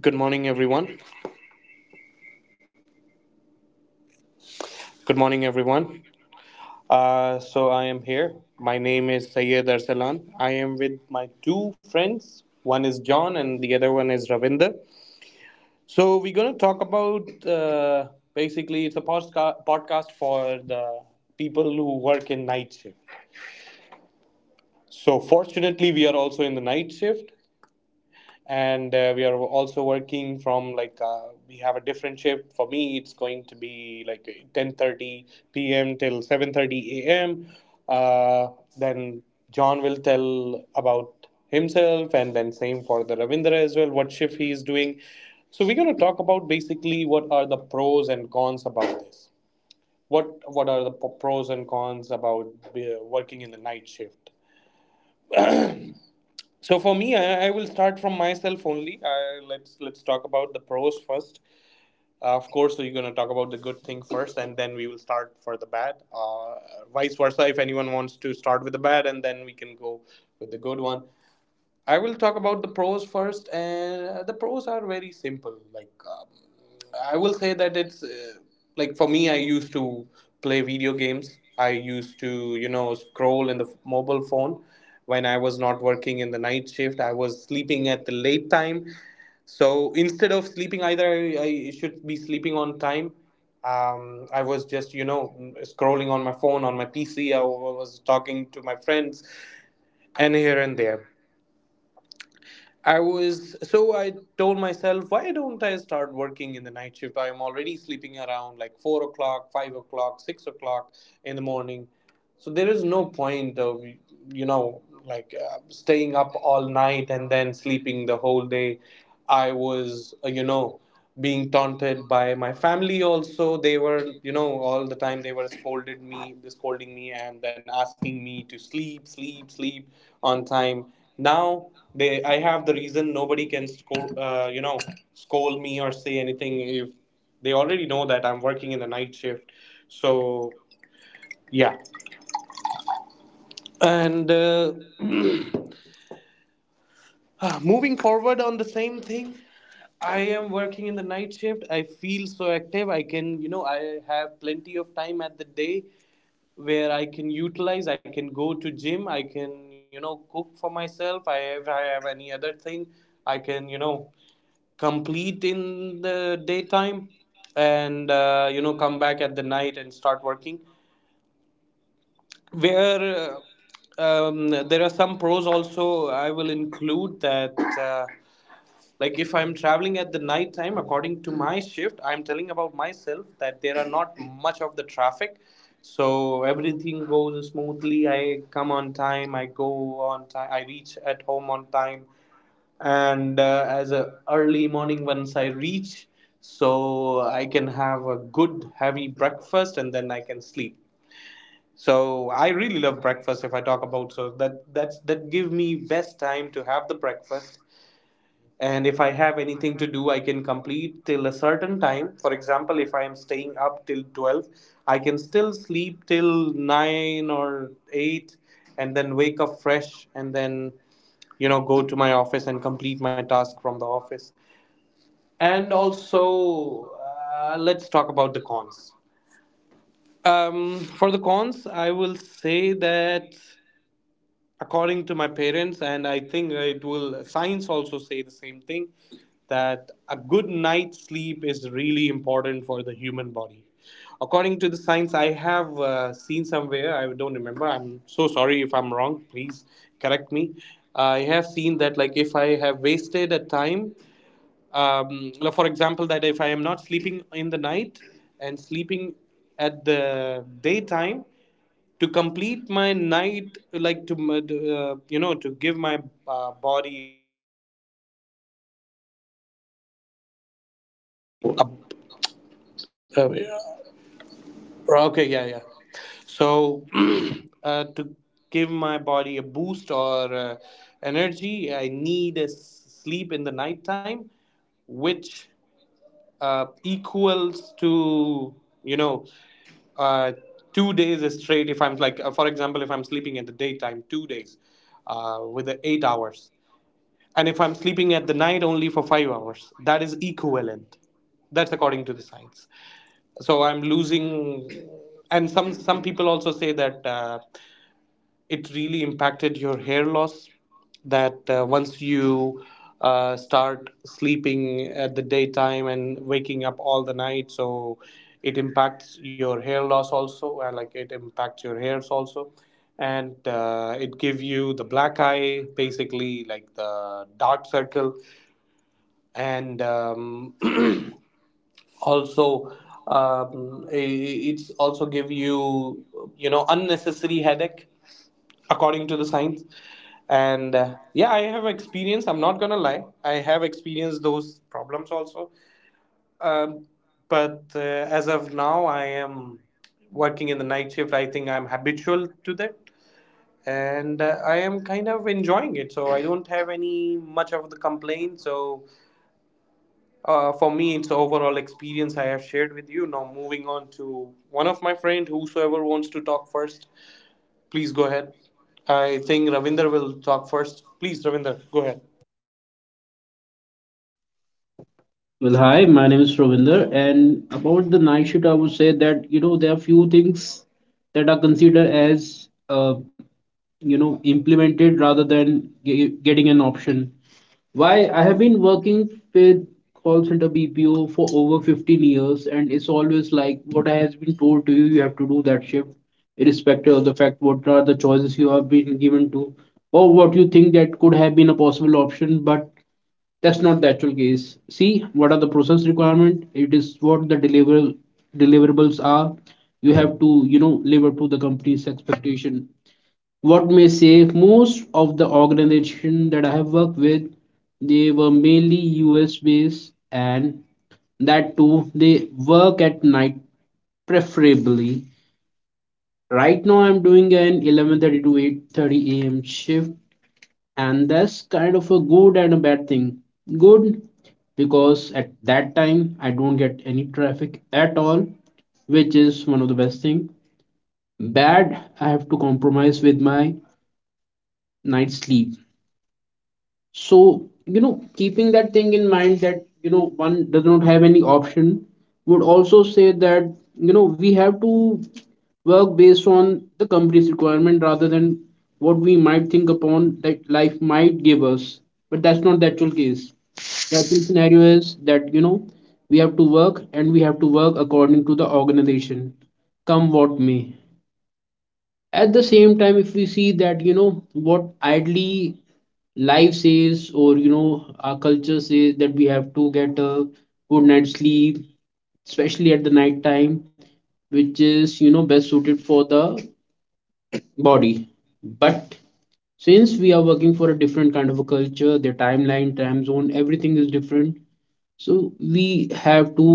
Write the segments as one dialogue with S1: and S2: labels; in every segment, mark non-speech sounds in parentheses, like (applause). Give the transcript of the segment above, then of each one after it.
S1: Good morning, everyone. Good morning, everyone. So I am here. My name is Sayed Arsalan. I am with my two friends. One is John, and the other one is Ravinder. So we're going to talk about basically a podcast for the people who work in night shift. So fortunately, we are also in the night shift, and we are also working from like we have a different shift. For me, it's going to be like 10:30 p.m. till 7:30 a.m. Uh, then John will tell about himself, and then same for the Ravindra as well, what shift he is doing. So we're going to talk about basically what are the pros and cons about this, what are the pros and cons about working in the night shift. So for me, I will start from myself only. I, let's talk about the pros first. Of course, so you're gonna talk about the good thing first, and then we will start for the bad. Vice versa, if anyone wants to start with the bad, and then we can go with the good one. I will talk about the pros first, and the pros are very simple. I will say that it's like for me, I used to play video games. I used to scroll in the mobile phone when I was not working in the night shift. I was sleeping at the late time. So instead of sleeping, either I should be sleeping on time. I was just scrolling on my phone, on my PC. I was talking to my friends, and here and there. I was so I told myself, why don't I start working in the night shift? I am already sleeping around like 4 o'clock, 5 o'clock, 6 o'clock in the morning. So there is no point of you know like staying up all night and then sleeping the whole day. I was being taunted by my family also. They were you know all the time they were scolding me, and then asking me to sleep, sleep, sleep on time. Now they I have the reason. Nobody can scold you know scold me or say anything if they already know that I'm working in the night shift. So yeah, and (clears throat) moving forward on the same thing, I am working in the night shift. I feel so active. I can, you know, I have plenty of time at the day where I can utilize. I can go to gym. I can, you know, cook for myself. I, if I have any other thing, I can complete in the daytime and come back at the night and start working where there are some pros also. I will include that uh, like if I'm traveling at the night time, according to my shift, I'm telling about myself that there are not much of the traffic. So everything goes smoothly. I come on time, I go on time, I reach at home on time. And as a early morning, once I reach, so I can have a good heavy breakfast and then I can sleep. So I really love breakfast. If I talk about so that that's that give me best time to have the breakfast. And if I have anything to do, I can complete till a certain time. For example, if I am staying up till 12, I can still sleep till nine or eight, and then wake up fresh, and then go to my office and complete my task from the office. And also, let's talk about the cons. For the cons, I will say that according to my parents, and I think it will science also say the same thing, that a good night's sleep is really important for the human body. According to the science, I have seen somewhere, I don't remember, I'm so sorry if I'm wrong, please correct me. I have seen that like if I have wasted a time, um, like, for example, that if I am not sleeping in the night and sleeping at the daytime, to complete my night, like to to give my body. Up, yeah. Okay, yeah, yeah. So, (clears throat) to give my body a boost or energy, I need a sleep in the nighttime, which equals to, you know, uh, 2 days straight. If I'm like, for example, if I'm sleeping in the daytime, 2 days with the 8 hours. And if I'm sleeping at the night only for 5 hours, that is equivalent. That's according to the science. So I'm losing. And some people also say that it really impacted your hair loss, that once you start sleeping at the daytime and waking up all the night, so it impacts your hair loss also, like it impacts your hairs also. And it give you the black eye, basically like the dark circle. And (clears throat) also, it's also give you you know unnecessary headache, according to the science. And yeah, I have experience, I'm not gonna lie, I have experienced those problems also. Um, but uh, as of now, I am working in the night shift. I think I'm habitual to that. And I am kind of enjoying it, so I don't have any much of the complaint. So for me, it's the overall experience I have shared with you. Now, moving on to one of my friend, whosoever wants to talk first, please go ahead. I think Ravinder will talk first. Please, Ravinder, go ahead.
S2: Well, hi, my name is Ravinder, and about the night shift, I would say that you know there are few things that are considered as you know implemented rather than getting an option. Why I have been working with call center BPO for over 15 years, and it's always like what I has been told to you, you have to do that shift, irrespective of the fact what are the choices you have been given to, or what you think that could have been a possible option, but that's not the actual case. See, what are the process requirement? It is what the deliverables are. You have to, you know, live up to the company's expectation. What may say most of the organization that I have worked with, they were mainly US based and that too they work at night preferably. Right now I'm doing an 11:30 to 8:30 a.m. shift, and that's kind of a good and a bad thing. Good, because at that time I don't get any traffic at all, which is one of the best thing. Bad, I have to compromise with my night sleep. So, you know, keeping that thing in mind that, you know, one does not have any option would also say that, you know, we have to work based on the company's requirement rather than what we might think upon that life might give us. But that's not the actual case. The actual scenario is that, you know, we have to work and we have to work according to the organization, come what may. At the same time, if we see that, you know, what idly life says or you know our culture says that we have to get a good night's sleep, especially at the night time, which is you know best suited for the body. But since we are working for a different kind of a culture, their timeline time zone everything is different, so we have to,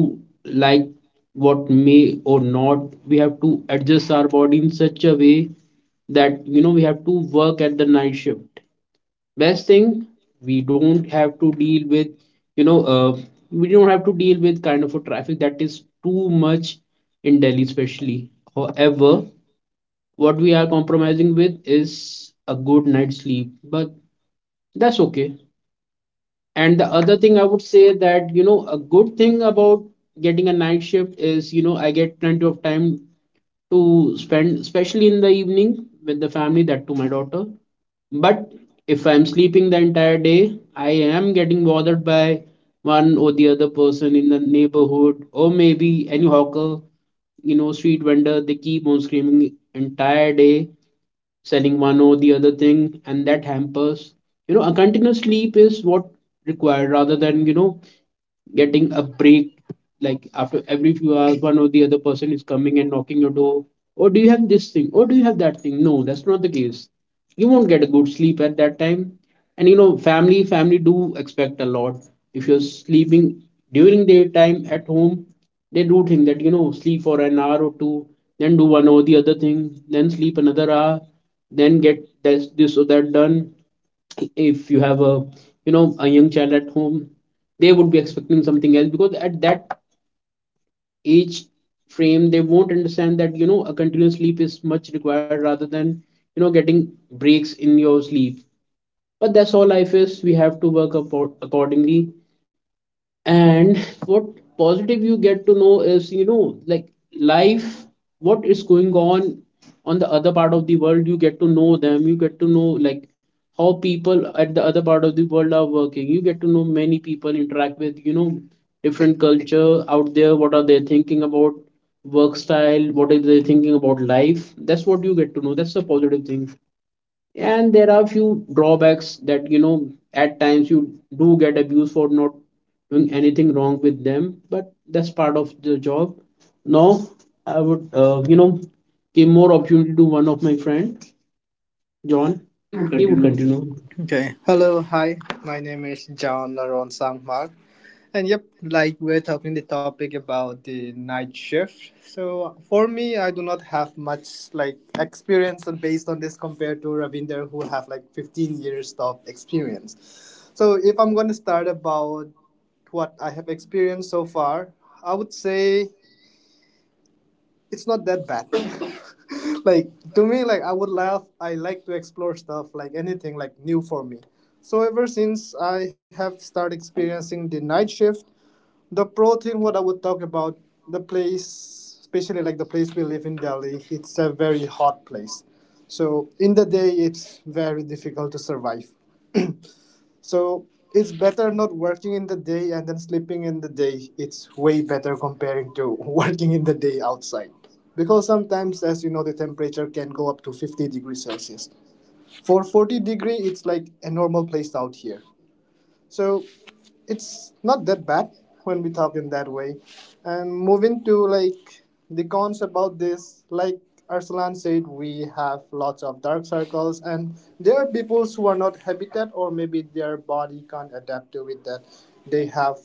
S2: like, what may or not, we have to adjust our body in such a way that you know we have to work at the night shift. Best thing, we don't have to deal with you know we don't have to deal with kind of a traffic that is too much in Delhi especially. However, what we are compromising with is a good night's sleep, but that's okay. And the other thing I would say that you know a good thing about getting a night shift is you know I get plenty of time to spend, especially in the evening with the family, that to my daughter. But if I'm sleeping the entire day, I am getting bothered by one or the other person in the neighborhood, or maybe any hawker, you know, street vendor. They keep on screaming entire day, selling one or the other thing, and that hampers. You know, a continuous sleep is what required rather than you know getting a break, like after every few hours one or the other person is coming and knocking your door. Oh, do you have this thing? Oh, do you have that thing? No, that's not the case. You won't get a good sleep at that time. And you know family do expect a lot. If you're sleeping during daytime at home, they do think that you know sleep for an hour or two, then do one or the other thing, then sleep another hour, then get this, this or that done. If you have a, you know, a young child at home, they would be expecting something else because at that age frame they won't understand that you know a continuous sleep is much required rather than you know getting breaks in your sleep. But that's all life is, we have to work up accordingly. And what positive you get to know is you know like life what is going on the other part of the world, you get to know them, you get to know like how people at the other part of the world are working, you get to know many people interact with you know different culture out there, what are they thinking about work style, what are they thinking about life. That's what you get to know. That's a positive thing. And there are few drawbacks that you know at times you do get abused for not doing anything wrong with them, but that's part of the job. Now, I would you know give more opportunity to one of my friend, John.
S3: You may
S2: He would
S3: continue.
S2: continue.
S3: Okay. Hello, hi. My name is John Laron Sangmar. And yep, like we're talking the topic about the night shift. So for me, I do not have much like experience based on this compared to Ravinder who have like 15 years of experience. So if I'm going to start about what I have experienced so far, I would say it's not that bad. (laughs) Like to me, like I would laugh. I like to explore stuff, like anything, like new for me. So ever since I have started experiencing the night shift, the pro thing what I would talk about the place, especially like the place we live in Delhi, it's a very hot place. So in the day, it's very difficult to survive. (clears throat) So it's better not working in the day and then sleeping in the day. It's way better comparing to (laughs) working in the day outside. Because sometimes, as you know, the temperature can go up to 50 degrees Celsius. For 40-degree, it's like a normal place out here. So it's not that bad when we talk in that way. And moving to like the cons about this, like Arsalan said, we have lots of dark circles, and there are people who are not habitat or maybe their body can't adapt to it. That they have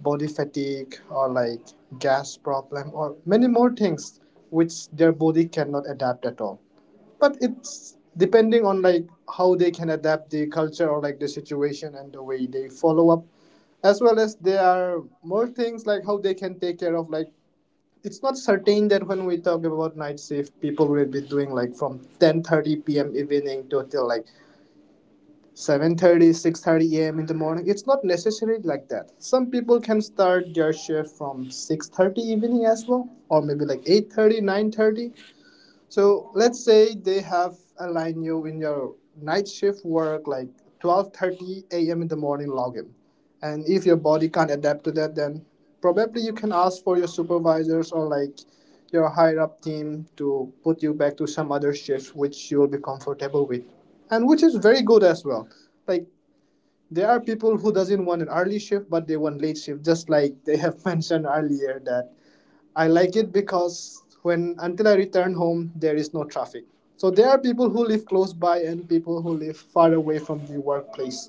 S3: body fatigue or like gas problem or many more things which their body cannot adapt at all, but it's depending on like how they can adapt the culture or like the situation and the way they follow up, as well as there are more things like how they can take care of like it's not certain that when we talk about night shift people will be doing like from 10:30 p.m. evening to till like seven thirty six thirty a.m. in the morning. It's not necessary like that. Some people can start their shift from 6:30 evening as well or maybe like eight thirty nine thirty. So let's say they have aligned you in your night shift work like 12:30 a.m. in the morning login. And if your body can't adapt to that, then probably you can ask for your supervisors or like your higher up team to put you back to some other shift which you will be comfortable with. And which is very good as well. Like there are people who doesn't want an early shift but they want late shift, just like they have (laughs) mentioned earlier that I like it because when until I return home, there is no traffic. So there are people who live close by and people who live far away from the workplace.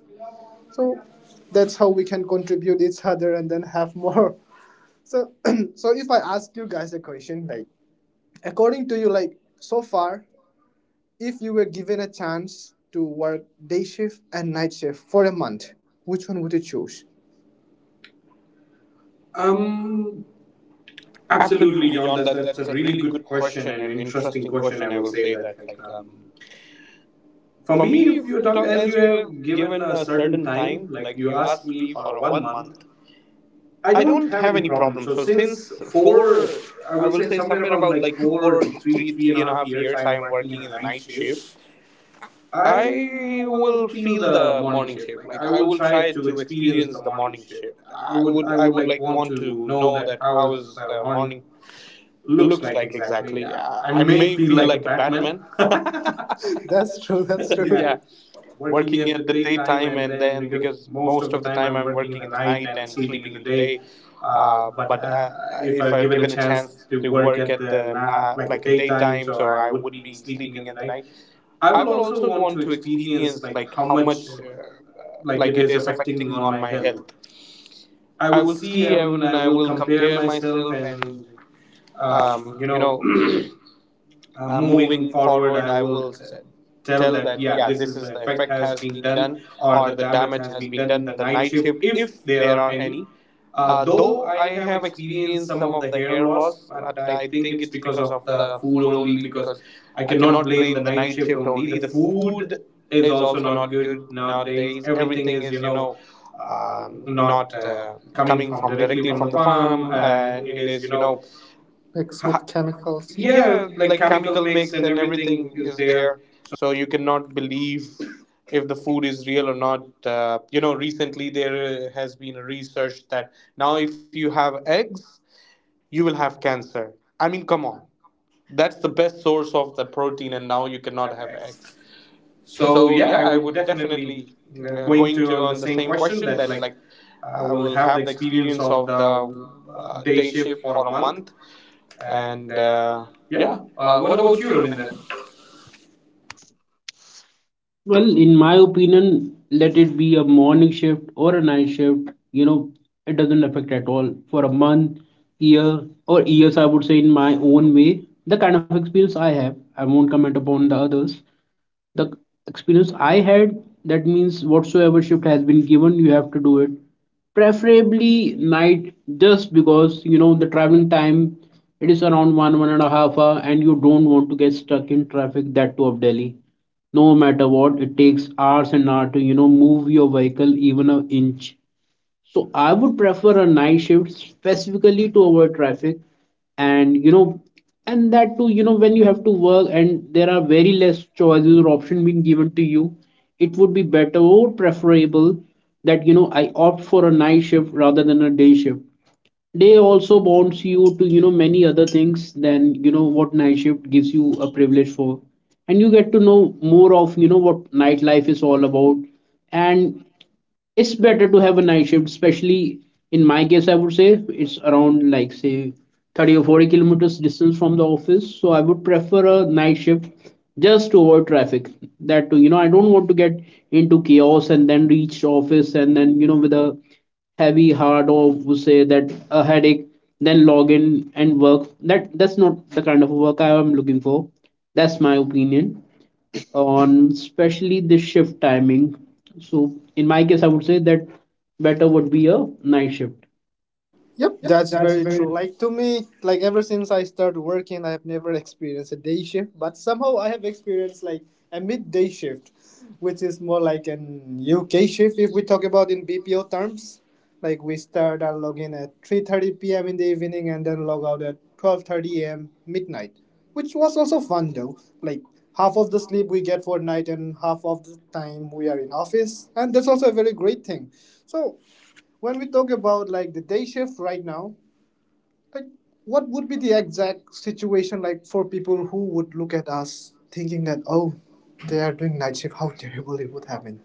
S3: So that's how we can contribute each other and then have more. (laughs) So (clears throat) so if I ask you guys a question, like according to you, like so far, if you were given a chance to work day shift and night shift for a month, which one would you choose? Um, Absolutely,
S1: Absolutely,
S3: John.
S1: John.
S3: That
S1: That
S3: that's a
S1: that's a
S3: really
S1: really
S3: good
S1: good
S3: question
S1: question
S3: and
S1: and
S3: interesting
S1: interesting
S3: question. I
S1: question. I
S3: will
S1: will
S3: say
S1: say
S3: that,
S1: that,
S3: like, for
S1: for
S3: me,
S1: me,
S3: if
S1: if
S3: you
S1: you
S3: talk
S1: talk
S3: as
S1: as
S3: you
S1: you
S3: have
S1: have
S3: given
S1: given
S3: a
S1: a
S3: certain
S1: certain
S3: time,
S1: time,
S3: like
S1: like
S3: you
S1: you
S3: asked
S1: asked
S3: me
S1: me
S3: for a
S1: for a
S3: one
S1: one,
S3: month, I
S1: I
S3: don't
S1: don't
S3: have
S1: have
S3: any
S1: any
S3: problem.
S1: problem.
S3: So
S1: So
S3: since
S1: since
S3: four,
S1: four,
S3: I
S1: I
S3: will
S1: will
S3: say
S1: say
S3: somewhere
S1: somewhere
S3: about
S1: about
S3: like
S1: like
S3: four,
S1: four,
S3: three,
S1: three,
S3: three and
S1: three
S3: a
S1: and a
S3: half
S1: half
S3: years, I
S1: years, I
S3: am
S1: am
S3: working in
S1: working
S3: a
S1: in the
S3: night
S1: night shift.
S3: shift. I
S1: I
S3: will
S1: will
S3: feel
S1: feel
S3: the
S1: the
S3: morning
S1: morning
S3: shift.
S1: shift.
S3: Like
S1: Like
S3: I
S1: I
S3: will
S1: will
S3: try
S1: try
S3: to
S1: to
S3: experience the
S1: experience the
S3: morning
S1: morning
S3: shift.
S1: shift.
S3: I
S1: I
S3: would
S1: would
S3: I
S1: I
S3: would
S1: would
S3: like
S1: like
S3: want
S1: want
S3: to
S1: to
S3: know
S1: know
S3: that
S1: that
S3: how
S1: how
S3: is
S1: is
S3: the
S1: the
S3: morning
S1: morning
S3: looks
S1: looks
S3: like
S1: like
S3: exactly.
S1: exactly. I,
S3: I
S1: I
S3: may
S1: may
S3: feel
S1: feel
S3: like a
S1: like a
S3: Batman.
S1: Batman. (laughs)
S3: (laughs) (laughs) That's true. That's true. Yeah,
S1: Yeah.
S3: working
S1: Working
S3: at the
S1: at the
S3: daytime
S1: daytime,
S3: and
S1: and
S3: then
S1: then
S3: because
S1: because
S3: most of
S1: most
S3: the
S1: of the
S3: time
S1: time
S3: I'm
S1: I'm
S3: working in
S1: working
S3: the
S1: in the
S3: night
S1: night
S3: and
S1: and
S3: sleeping in
S1: sleeping
S3: the
S1: in the
S3: day.
S1: day.
S3: Uh,
S1: Uh,
S3: but
S1: but
S3: uh,
S1: uh,
S3: if
S1: if
S3: I
S1: I'm
S3: given a
S1: given a
S3: chance
S1: chance
S3: to
S1: to
S3: work
S1: work
S3: at
S1: at
S3: the
S1: the
S3: like a
S1: like a
S3: daytime,
S1: daytime,
S3: so
S1: so
S3: I
S1: I
S3: would
S1: would
S3: be
S1: be
S3: sleeping in
S1: sleeping
S3: the
S1: in the
S3: night.
S1: night.
S3: I
S1: I
S3: will
S1: will
S3: also
S1: also
S3: want
S1: want
S3: to
S1: to
S3: experience
S1: experience
S3: like
S1: like
S3: how
S1: how
S3: much
S1: much
S3: like it
S1: like it
S3: is
S1: is
S3: affecting
S1: affecting
S3: on
S1: on
S3: my
S1: my
S3: health.
S1: health.
S3: I
S1: I
S3: will
S1: will
S3: see I
S1: see
S3: will.
S1: and
S3: I
S1: I
S3: will
S1: will
S3: compare
S1: compare
S3: myself
S1: myself.
S3: and
S1: And
S3: um, you
S1: um, you
S3: know
S1: know
S3: (clears throat)
S1: (clears throat)
S3: moving
S1: moving
S3: forward,
S1: forward, I will
S3: tell
S1: tell
S3: that
S1: that
S3: yeah,
S1: yeah,
S3: this
S1: this
S3: is the
S1: is the
S3: effect
S1: effect
S3: has
S1: has
S3: been
S1: been
S3: done
S1: done
S3: or the
S1: or the
S3: damage
S1: damage
S3: has
S1: has
S3: been
S1: been
S3: done.
S1: done,
S3: The
S1: the
S3: night
S1: night
S3: shift,
S1: shift,
S3: if
S1: if
S3: there
S1: there
S3: are
S1: are
S3: any.
S1: any.
S3: Though
S1: Though
S3: I
S1: I
S3: have
S1: have
S3: experienced
S1: experienced
S3: some
S1: some
S3: of the
S1: of the
S3: hair
S1: hair
S3: loss,
S1: loss,
S3: but
S1: but
S3: I
S1: I
S3: think
S1: think
S3: it's
S1: it's
S3: because of the
S1: the
S3: food
S1: food
S3: only.
S1: only.
S3: Because I
S1: I
S3: cannot
S1: cannot
S3: blame the
S1: blame the
S3: night
S1: night
S3: shift
S1: shift
S3: only. The
S1: only. The
S3: food
S1: food
S3: is
S1: is
S3: also
S1: also
S3: not
S1: not
S3: good
S1: good
S3: nowadays.
S1: nowadays.
S3: Everything
S1: Everything
S3: is, you
S1: is, you
S3: know,
S1: know, um,
S3: not
S1: not
S3: coming
S1: coming
S3: from
S1: from
S3: directly
S1: directly
S3: from the
S1: from the
S3: farm,
S1: farm,
S3: and
S1: and
S3: it
S1: it
S3: is, you
S1: is, you
S3: know,
S1: know,
S3: mixed with
S1: ha-
S3: chemicals. Yeah,
S1: yeah,
S3: like
S1: like
S3: chemical
S1: chemical
S3: mix
S1: mix
S3: and
S1: and
S3: everything
S1: everything
S3: is
S1: is
S3: there.
S1: there. So you cannot believe if the food is real or not. Recently there has been research that now if you have eggs, you will have cancer. I mean, come on. That's the best source of the protein, and now you cannot have eggs.
S3: So
S1: So
S3: yeah,
S1: yeah,
S3: I
S1: I
S3: would
S1: would
S3: definitely
S1: definitely
S3: going
S1: going
S3: to
S1: to
S3: on the
S1: on the
S3: same
S1: same
S3: question
S1: question
S3: that
S1: that
S3: like
S1: like
S3: I
S1: I
S3: will
S1: will
S3: have the
S1: have the
S3: experience
S1: experience
S3: of
S1: of
S3: the
S1: the
S3: day
S1: day
S3: shift
S1: shift
S3: for
S1: for
S3: a
S1: a
S3: month.
S1: month,
S3: And
S1: and
S3: yeah,
S1: yeah.
S3: what about you, Ravinder?
S2: Well, in my opinion, let it be a morning shift or a night shift, you know, it doesn't affect at all for a month, year, or years. I would say in my own way the kind of experience I have, I won't comment upon the others. The experience I had, that means whatsoever shift has been given, you have to do it. Preferably night, just because you know the traveling time, it is around one and a half hour, and you don't want to get stuck in traffic that too of Delhi. No matter what, it takes hours and hours to you know move your vehicle even an inch. So I would prefer a night shift specifically to avoid traffic, and you know, and that too you know when you have to work and there are very less choices or option being given to you, it would be better or preferable that you know I opt for a night shift rather than a day shift. Day also bonds you to you know many other things than you know what night shift gives you a privilege for. And you get to know more of you know what nightlife is all about. And it's better to have a night shift, especially in my case, I would say it's around like say 30 or 40 kilometers distance from the office, so I would prefer a night shift just to avoid traffic, that too you know I don't want to get into chaos and then reach office and then you know with a heavy heart or would say that a headache then log in and work. That's not the kind of work I am looking for. That's my opinion on especially the shift timing. So in my case, I would say that better would be a night shift.
S3: Yep, that's very true. Like to me, like ever since I started working, I have never experienced a day shift, but somehow I have experienced like a midday shift, which is more like an UK shift if we talk about in BPO terms. Like we start and log in at 3:30 p.m. in the evening and then log out at 12:30 a.m. midnight, which was also fun though. Like half of the sleep we get for night and half of the time we are in office, and that's also a very great thing. So when we talk about like the day shift right now, like what would be the exact situation, like for people who would look at us thinking that, oh, they are doing night shift, how terrible it would have been.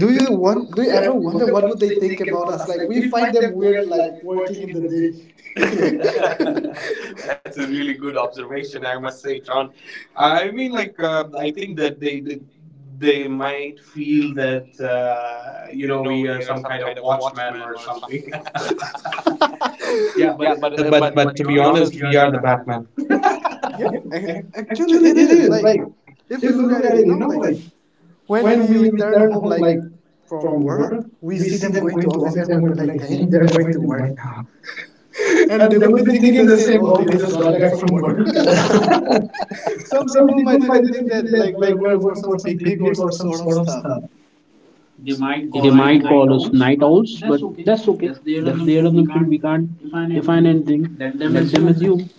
S1: Do you
S3: you want? Do
S1: do
S3: you
S1: you
S3: ever
S1: ever
S3: wonder
S1: wonder
S3: what would
S1: what do
S3: they
S1: they
S3: think
S1: think
S3: about
S1: about
S3: us?
S1: us?
S3: Like
S1: Like
S3: we
S1: we
S3: find
S1: find
S3: them
S1: them
S3: weird,
S1: weird,
S3: like
S1: like
S3: working
S1: working
S3: in
S1: in
S3: the
S1: the
S3: day.
S1: day.
S3: (laughs)
S1: (laughs)
S3: That's a
S1: That's a
S3: really
S1: really
S3: good
S1: good
S3: observation, I
S1: observation, I
S3: must say,
S1: must say,
S3: John.
S1: John.
S3: I
S1: I
S3: mean,
S1: mean,
S3: like, I
S1: I
S3: think
S1: think
S3: that
S1: that
S3: they
S1: they
S3: might
S1: might
S3: feel
S1: feel
S3: that
S1: that
S3: you know, we are
S1: we
S3: some kind
S1: kind
S3: of
S1: of watch.
S3: watchman or something. (laughs) Yeah,
S1: Yeah,
S2: Yeah,
S3: but
S2: but
S1: but
S2: uh,
S1: uh,
S3: but
S2: but
S1: but
S3: but to
S2: but
S1: but
S3: be
S2: to
S1: to be
S2: be
S3: honest,
S2: honest,
S1: honest,
S3: we
S2: we
S3: are
S1: we
S3: the
S2: are
S1: are the
S2: the
S3: Batman.
S1: Batman.
S2: Batman.
S3: Yeah,
S2: Ac-
S3: actually,
S1: Actually,
S2: Actually,
S3: it
S2: it
S1: if,
S3: is.
S2: is
S3: Like
S2: like
S3: if we
S2: if
S1: if
S2: you
S1: you
S3: look at
S2: look
S1: look
S3: it,
S2: at
S1: at
S3: you
S2: it,
S1: it,
S2: you
S3: know,
S2: know,
S3: like
S2: like
S1: like
S3: when
S2: when
S1: when
S3: we
S1: we
S2: we
S3: return
S2: return
S1: return
S3: home,
S1: home,
S2: home,
S3: like
S2: like
S1: like
S3: from
S1: from
S2: from
S3: work,
S2: work,
S1: work,
S3: we
S2: we
S1: we
S3: see
S2: see
S3: them
S1: see,
S2: them
S3: going to
S2: going to
S3: office
S2: office
S3: and
S2: and
S3: we'll be
S2: we're
S3: like,
S2: like,
S3: damn,
S2: dang,
S3: they're
S2: they're
S3: going to
S2: going to work
S3: work now.
S2: now. (laughs)
S3: (laughs) And they
S1: and
S2: And they
S1: they
S3: would be
S2: will
S1: would
S2: be
S1: be
S3: thinking
S2: thinking
S3: the
S1: thinking
S2: the
S1: the
S3: same,
S2: same.
S1: same.
S3: oh,
S2: Oh,
S3: they
S1: Oh,
S2: they
S1: they
S3: just
S2: just
S1: just
S3: got
S2: got
S1: got
S3: back
S2: back
S1: back
S3: from
S2: from
S1: from
S3: work.
S2: work.
S1: work. (laughs)
S2: (laughs)
S3: (laughs) Some
S2: Some
S3: people might
S2: people
S3: even
S2: might
S3: think
S2: even
S3: that
S2: think
S3: like
S2: that
S3: we're
S2: like
S3: going
S2: we're
S3: for
S2: going
S3: some
S2: for some
S3: picnic or some
S2: picnic or
S3: sort of
S2: some
S3: stuff.
S2: sort of stuff.
S3: They might
S2: They
S3: call us
S2: might
S3: night
S2: call us
S3: owls,
S2: night
S3: but
S2: owls,
S3: that's
S2: but
S3: okay.
S2: that's
S3: That's
S2: okay.
S3: their
S2: That's their
S3: assumption. We
S2: assumption.
S3: can't
S2: We can't
S3: define
S2: define
S3: anything.
S2: anything.
S3: Let them
S2: Let them
S3: assume.
S2: assume.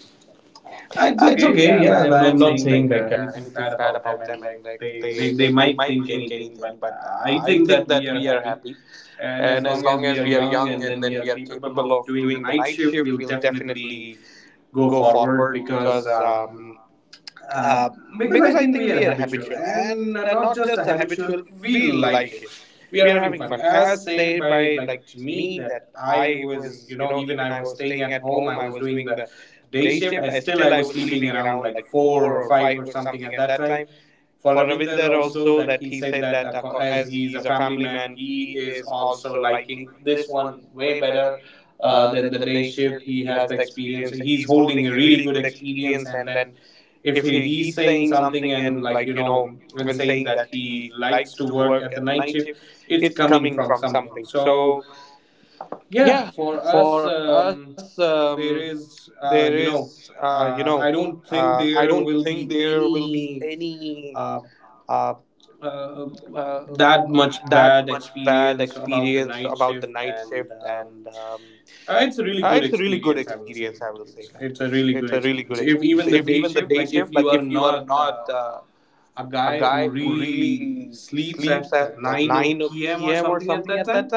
S3: It's
S1: It's
S2: It's
S3: okay,
S1: okay.
S2: okay,
S3: yeah.
S1: Yeah,
S2: yeah.
S1: and
S3: I'm
S1: I
S2: I
S1: am
S2: am
S3: not
S1: not
S2: not
S3: saying
S1: saying
S2: saying
S3: like
S1: like
S2: like.
S3: anything
S1: anything
S3: bad
S1: bad
S3: about
S1: about
S3: them,
S1: them,
S3: and
S1: and
S3: like
S1: like they, they
S3: they
S1: they
S3: might
S1: might
S3: think
S1: think
S3: anything,
S1: anything,
S3: but
S1: but
S3: I
S1: I
S3: think
S1: think
S3: that
S1: that
S3: we
S1: we
S3: are
S1: are
S3: happy.
S1: happy,
S3: And
S1: and
S3: as
S1: as
S3: long
S1: long
S3: as we
S1: as
S3: are
S1: we are
S3: young
S1: young
S3: and
S1: and
S3: then we
S1: then
S3: are
S1: we are
S3: capable
S1: capable
S3: of
S1: of
S3: doing the
S1: doing the
S3: night
S1: night
S3: shift,
S1: shift,
S3: we'll
S1: we
S3: definitely
S1: definitely
S3: go
S1: go
S3: forward
S1: forward because.
S3: uh,
S1: Uh,
S3: because I
S1: because I
S3: think we
S1: think
S3: are
S1: we are
S3: habitual,
S1: habitual,
S3: and
S1: and
S3: not
S1: not
S3: just a
S1: just a
S3: habitual,
S1: habitual,
S3: we
S1: we
S3: like
S1: like
S3: it.
S1: it.
S3: We are
S1: We are
S3: having
S1: having
S3: fun.
S1: fun.
S3: As
S1: As
S3: said
S1: said
S3: by,
S1: by
S3: like,
S1: like
S3: to
S1: to
S3: me
S1: me
S3: that
S1: that
S3: I
S1: I
S3: was, you
S1: was, you
S3: know,
S1: know,
S3: even
S1: even
S3: I
S1: I
S3: was
S1: was
S3: staying
S1: staying
S3: at
S1: at
S3: home, I
S1: home, I
S3: was
S1: was
S3: doing
S1: doing
S3: the
S1: the
S3: day
S1: day
S3: shift.
S1: shift. I
S3: I
S1: still I
S3: was
S1: was
S3: sleeping
S1: sleeping
S3: around
S1: around
S3: like
S1: like
S3: four or
S1: four or
S3: five
S1: five
S3: or
S1: or
S3: something
S1: something
S3: at
S1: at
S3: that
S1: that
S3: time.
S1: time.
S3: For
S1: For
S3: Ravinder
S1: Ravinder
S3: also,
S1: also
S3: that
S1: that
S3: he
S1: he
S3: said
S1: said
S3: that,
S1: that
S3: as
S1: as
S3: he is
S1: he
S3: a
S1: is a
S3: family
S1: family
S3: man,
S1: man,
S3: he
S1: he
S3: is
S1: is
S3: also
S1: also
S3: liking
S1: liking
S3: this
S1: this one
S3: one way
S1: way
S3: better
S1: better
S3: than
S1: than
S3: the
S1: the
S3: day
S1: day
S3: shift.
S1: shift.
S3: He
S1: He has
S3: has
S1: the
S3: the experience.
S1: experience. He's
S3: He's holding
S1: holding a
S3: a
S1: really
S3: really
S1: good
S3: good
S1: experience,
S3: experience,
S1: and
S3: and
S1: then
S3: then if
S1: if he's
S3: he's
S1: saying
S3: saying
S1: something
S3: something,
S1: and
S3: and, like,
S1: like
S3: you know,
S1: and
S3: and saying
S1: saying that
S3: that he
S1: he
S3: likes
S1: likes
S3: to
S1: to work
S3: work
S1: at
S3: at
S1: the
S3: the
S1: night
S3: night
S1: shift,
S3: shift,
S1: it's
S3: it's coming
S1: coming.
S3: from something.
S1: So
S3: So yeah,
S1: yeah,
S3: for
S1: for us,
S3: us.
S1: there
S3: There
S1: is
S3: is,
S1: you
S3: you know,
S1: know. I
S3: I
S1: don't
S3: don't
S1: think
S3: think there
S1: there will
S3: will
S1: be
S3: be
S1: any
S3: any uh,
S1: uh, uh,
S3: uh, that
S1: that
S3: much bad
S1: bad experience
S3: experience
S1: about
S3: about
S1: the
S3: the night
S1: night shift.
S3: shift.
S1: And
S3: And
S1: it's
S3: it's
S1: a
S3: a
S1: really
S3: really
S1: good
S3: good
S1: experience.
S3: experience.
S1: I
S3: I
S1: will
S3: will say
S1: say that
S3: that
S1: it's
S3: it's
S1: it's
S3: it's a
S1: a really
S3: really
S1: good
S3: good
S1: experience
S3: experience.
S1: if
S3: If
S1: even
S3: even
S1: the
S3: the
S1: day
S3: day
S1: shift,
S3: shift, like
S1: if
S3: if
S1: you
S3: you are
S1: are
S3: not
S1: not a
S3: a
S1: guy
S3: guy who
S1: who really
S3: really
S1: sleeps
S3: sleeps at
S1: at
S3: 9
S1: 9 or p.m
S3: p.m
S1: or
S3: or
S1: something
S3: something at
S1: at that
S3: that
S1: time,
S3: time,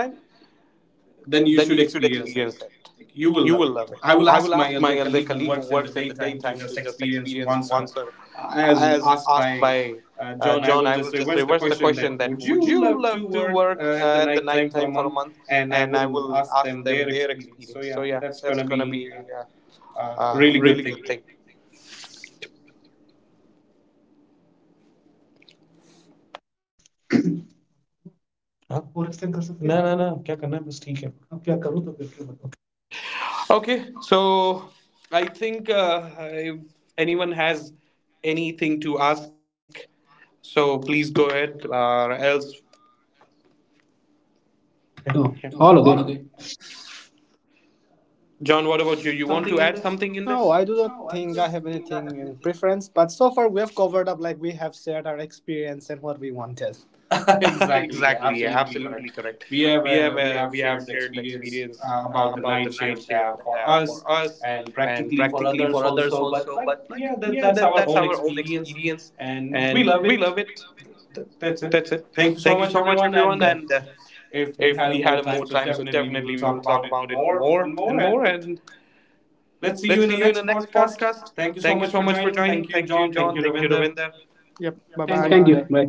S1: then
S3: then
S1: you
S3: you
S1: should
S3: should
S1: experience.
S3: experience it. Like,
S1: Like you
S3: you
S1: will
S3: will love
S1: love
S3: it.
S1: it. I
S3: I
S1: will
S3: will
S1: ask
S3: ask
S1: my
S3: my
S1: other
S3: other colleague
S1: colleague who
S3: who
S1: works
S3: works
S1: in
S3: in
S1: the
S3: the
S1: daytime
S3: daytime
S1: to
S3: to
S1: just
S3: just
S1: experience
S3: experience
S1: once.
S3: once.
S1: Or
S3: Or,
S1: as
S3: as
S1: asked
S3: asked by
S1: by John,
S3: John,
S1: I
S3: I
S1: will
S3: will
S1: just
S3: just
S1: reverse
S3: reverse
S1: the
S3: the question
S1: question
S3: that
S1: that
S3: would
S1: would
S3: you
S1: you
S3: love to
S1: love to
S3: work
S1: work
S3: at the
S1: at the
S3: night time for a
S1: nighttime for a
S3: month?
S1: month?
S3: And I
S1: And I
S3: will
S1: will
S3: ask
S1: ask
S3: them
S1: them
S3: their
S1: their
S3: experience. So
S1: experience. So
S3: yeah,
S1: yeah,
S3: that's
S1: that's
S3: gonna
S1: gonna
S3: be uh,
S1: be
S3: a uh,
S1: a
S3: really
S1: really
S3: good
S1: good
S3: thing.
S1: thing.
S2: हाँ, पूरा explain कर सकते हैं? ना ना ना क्या करना है बस ठीक है अब क्या करूँ तो फिर क्या बताऊँ?
S1: Okay, so I think if anyone has anything to ask, so please go ahead, or else.
S2: Oh,
S1: Yeah.
S2: all
S1: No,
S2: okay.
S1: all okay. John, what about you?
S3: Add
S1: You want
S3: something
S1: to
S3: in
S1: add
S3: this?
S1: something in
S3: No,
S1: this?
S3: I do
S1: (laughs)
S3: not
S1: No, I
S3: think I
S1: don't
S3: have
S1: think
S3: anything in preference, but so far we have covered up, like we have shared our experience and what we wanted. (laughs)
S1: have. (laughs) Exactly.
S3: Exactly, yeah,
S1: Yeah, absolutely
S3: absolutely correct.
S1: correct. We have uh,
S3: We
S1: we have
S3: have
S1: shared
S3: shared
S1: the
S3: the
S1: experience
S3: experience
S1: about
S3: about
S1: the
S3: the
S1: night
S3: night
S1: shift
S3: shift
S1: for
S3: for
S1: us
S3: us
S1: and
S3: and
S1: practically
S3: practically
S1: for
S3: for
S1: others
S3: others
S1: also.
S3: also. But like yeah,
S1: Yeah, that, that's
S3: that's
S1: our
S3: our
S1: own
S3: own experience,
S1: experience, and
S3: and
S1: we
S3: we
S1: love
S3: love it.
S1: it. Th- That's
S3: That's
S1: it.
S3: it.
S1: Thank
S3: Thank
S1: you
S3: you
S1: so
S3: so much,
S1: much, everyone.
S3: everyone.
S1: And
S3: And
S1: if
S3: if
S1: we
S3: we had
S1: had more
S3: more
S1: time,
S3: time,
S1: so
S3: so
S1: definitely
S3: definitely we
S1: we will
S3: will
S1: talk
S3: talk
S1: about
S3: about it
S1: it more
S3: more and
S1: and more.
S3: more.
S1: And
S3: And
S1: let's
S3: let's
S1: see
S3: see
S1: you
S3: you
S1: in
S3: in
S1: the
S3: the
S1: next
S3: next
S1: podcast.
S3: podcast.
S1: Thank
S3: Thank
S1: you
S3: you
S1: so
S3: so
S1: much
S3: much
S1: for
S3: for
S1: joining.
S3: joining.
S1: Thank
S3: Thank
S1: you,
S3: you,
S1: John.
S3: John.
S1: Thank
S3: Thank you,
S1: you,
S3: Ravinder.
S1: Ravinder.
S3: Yep. Bye bye.
S2: Thank you.
S3: Bye.
S2: Bye.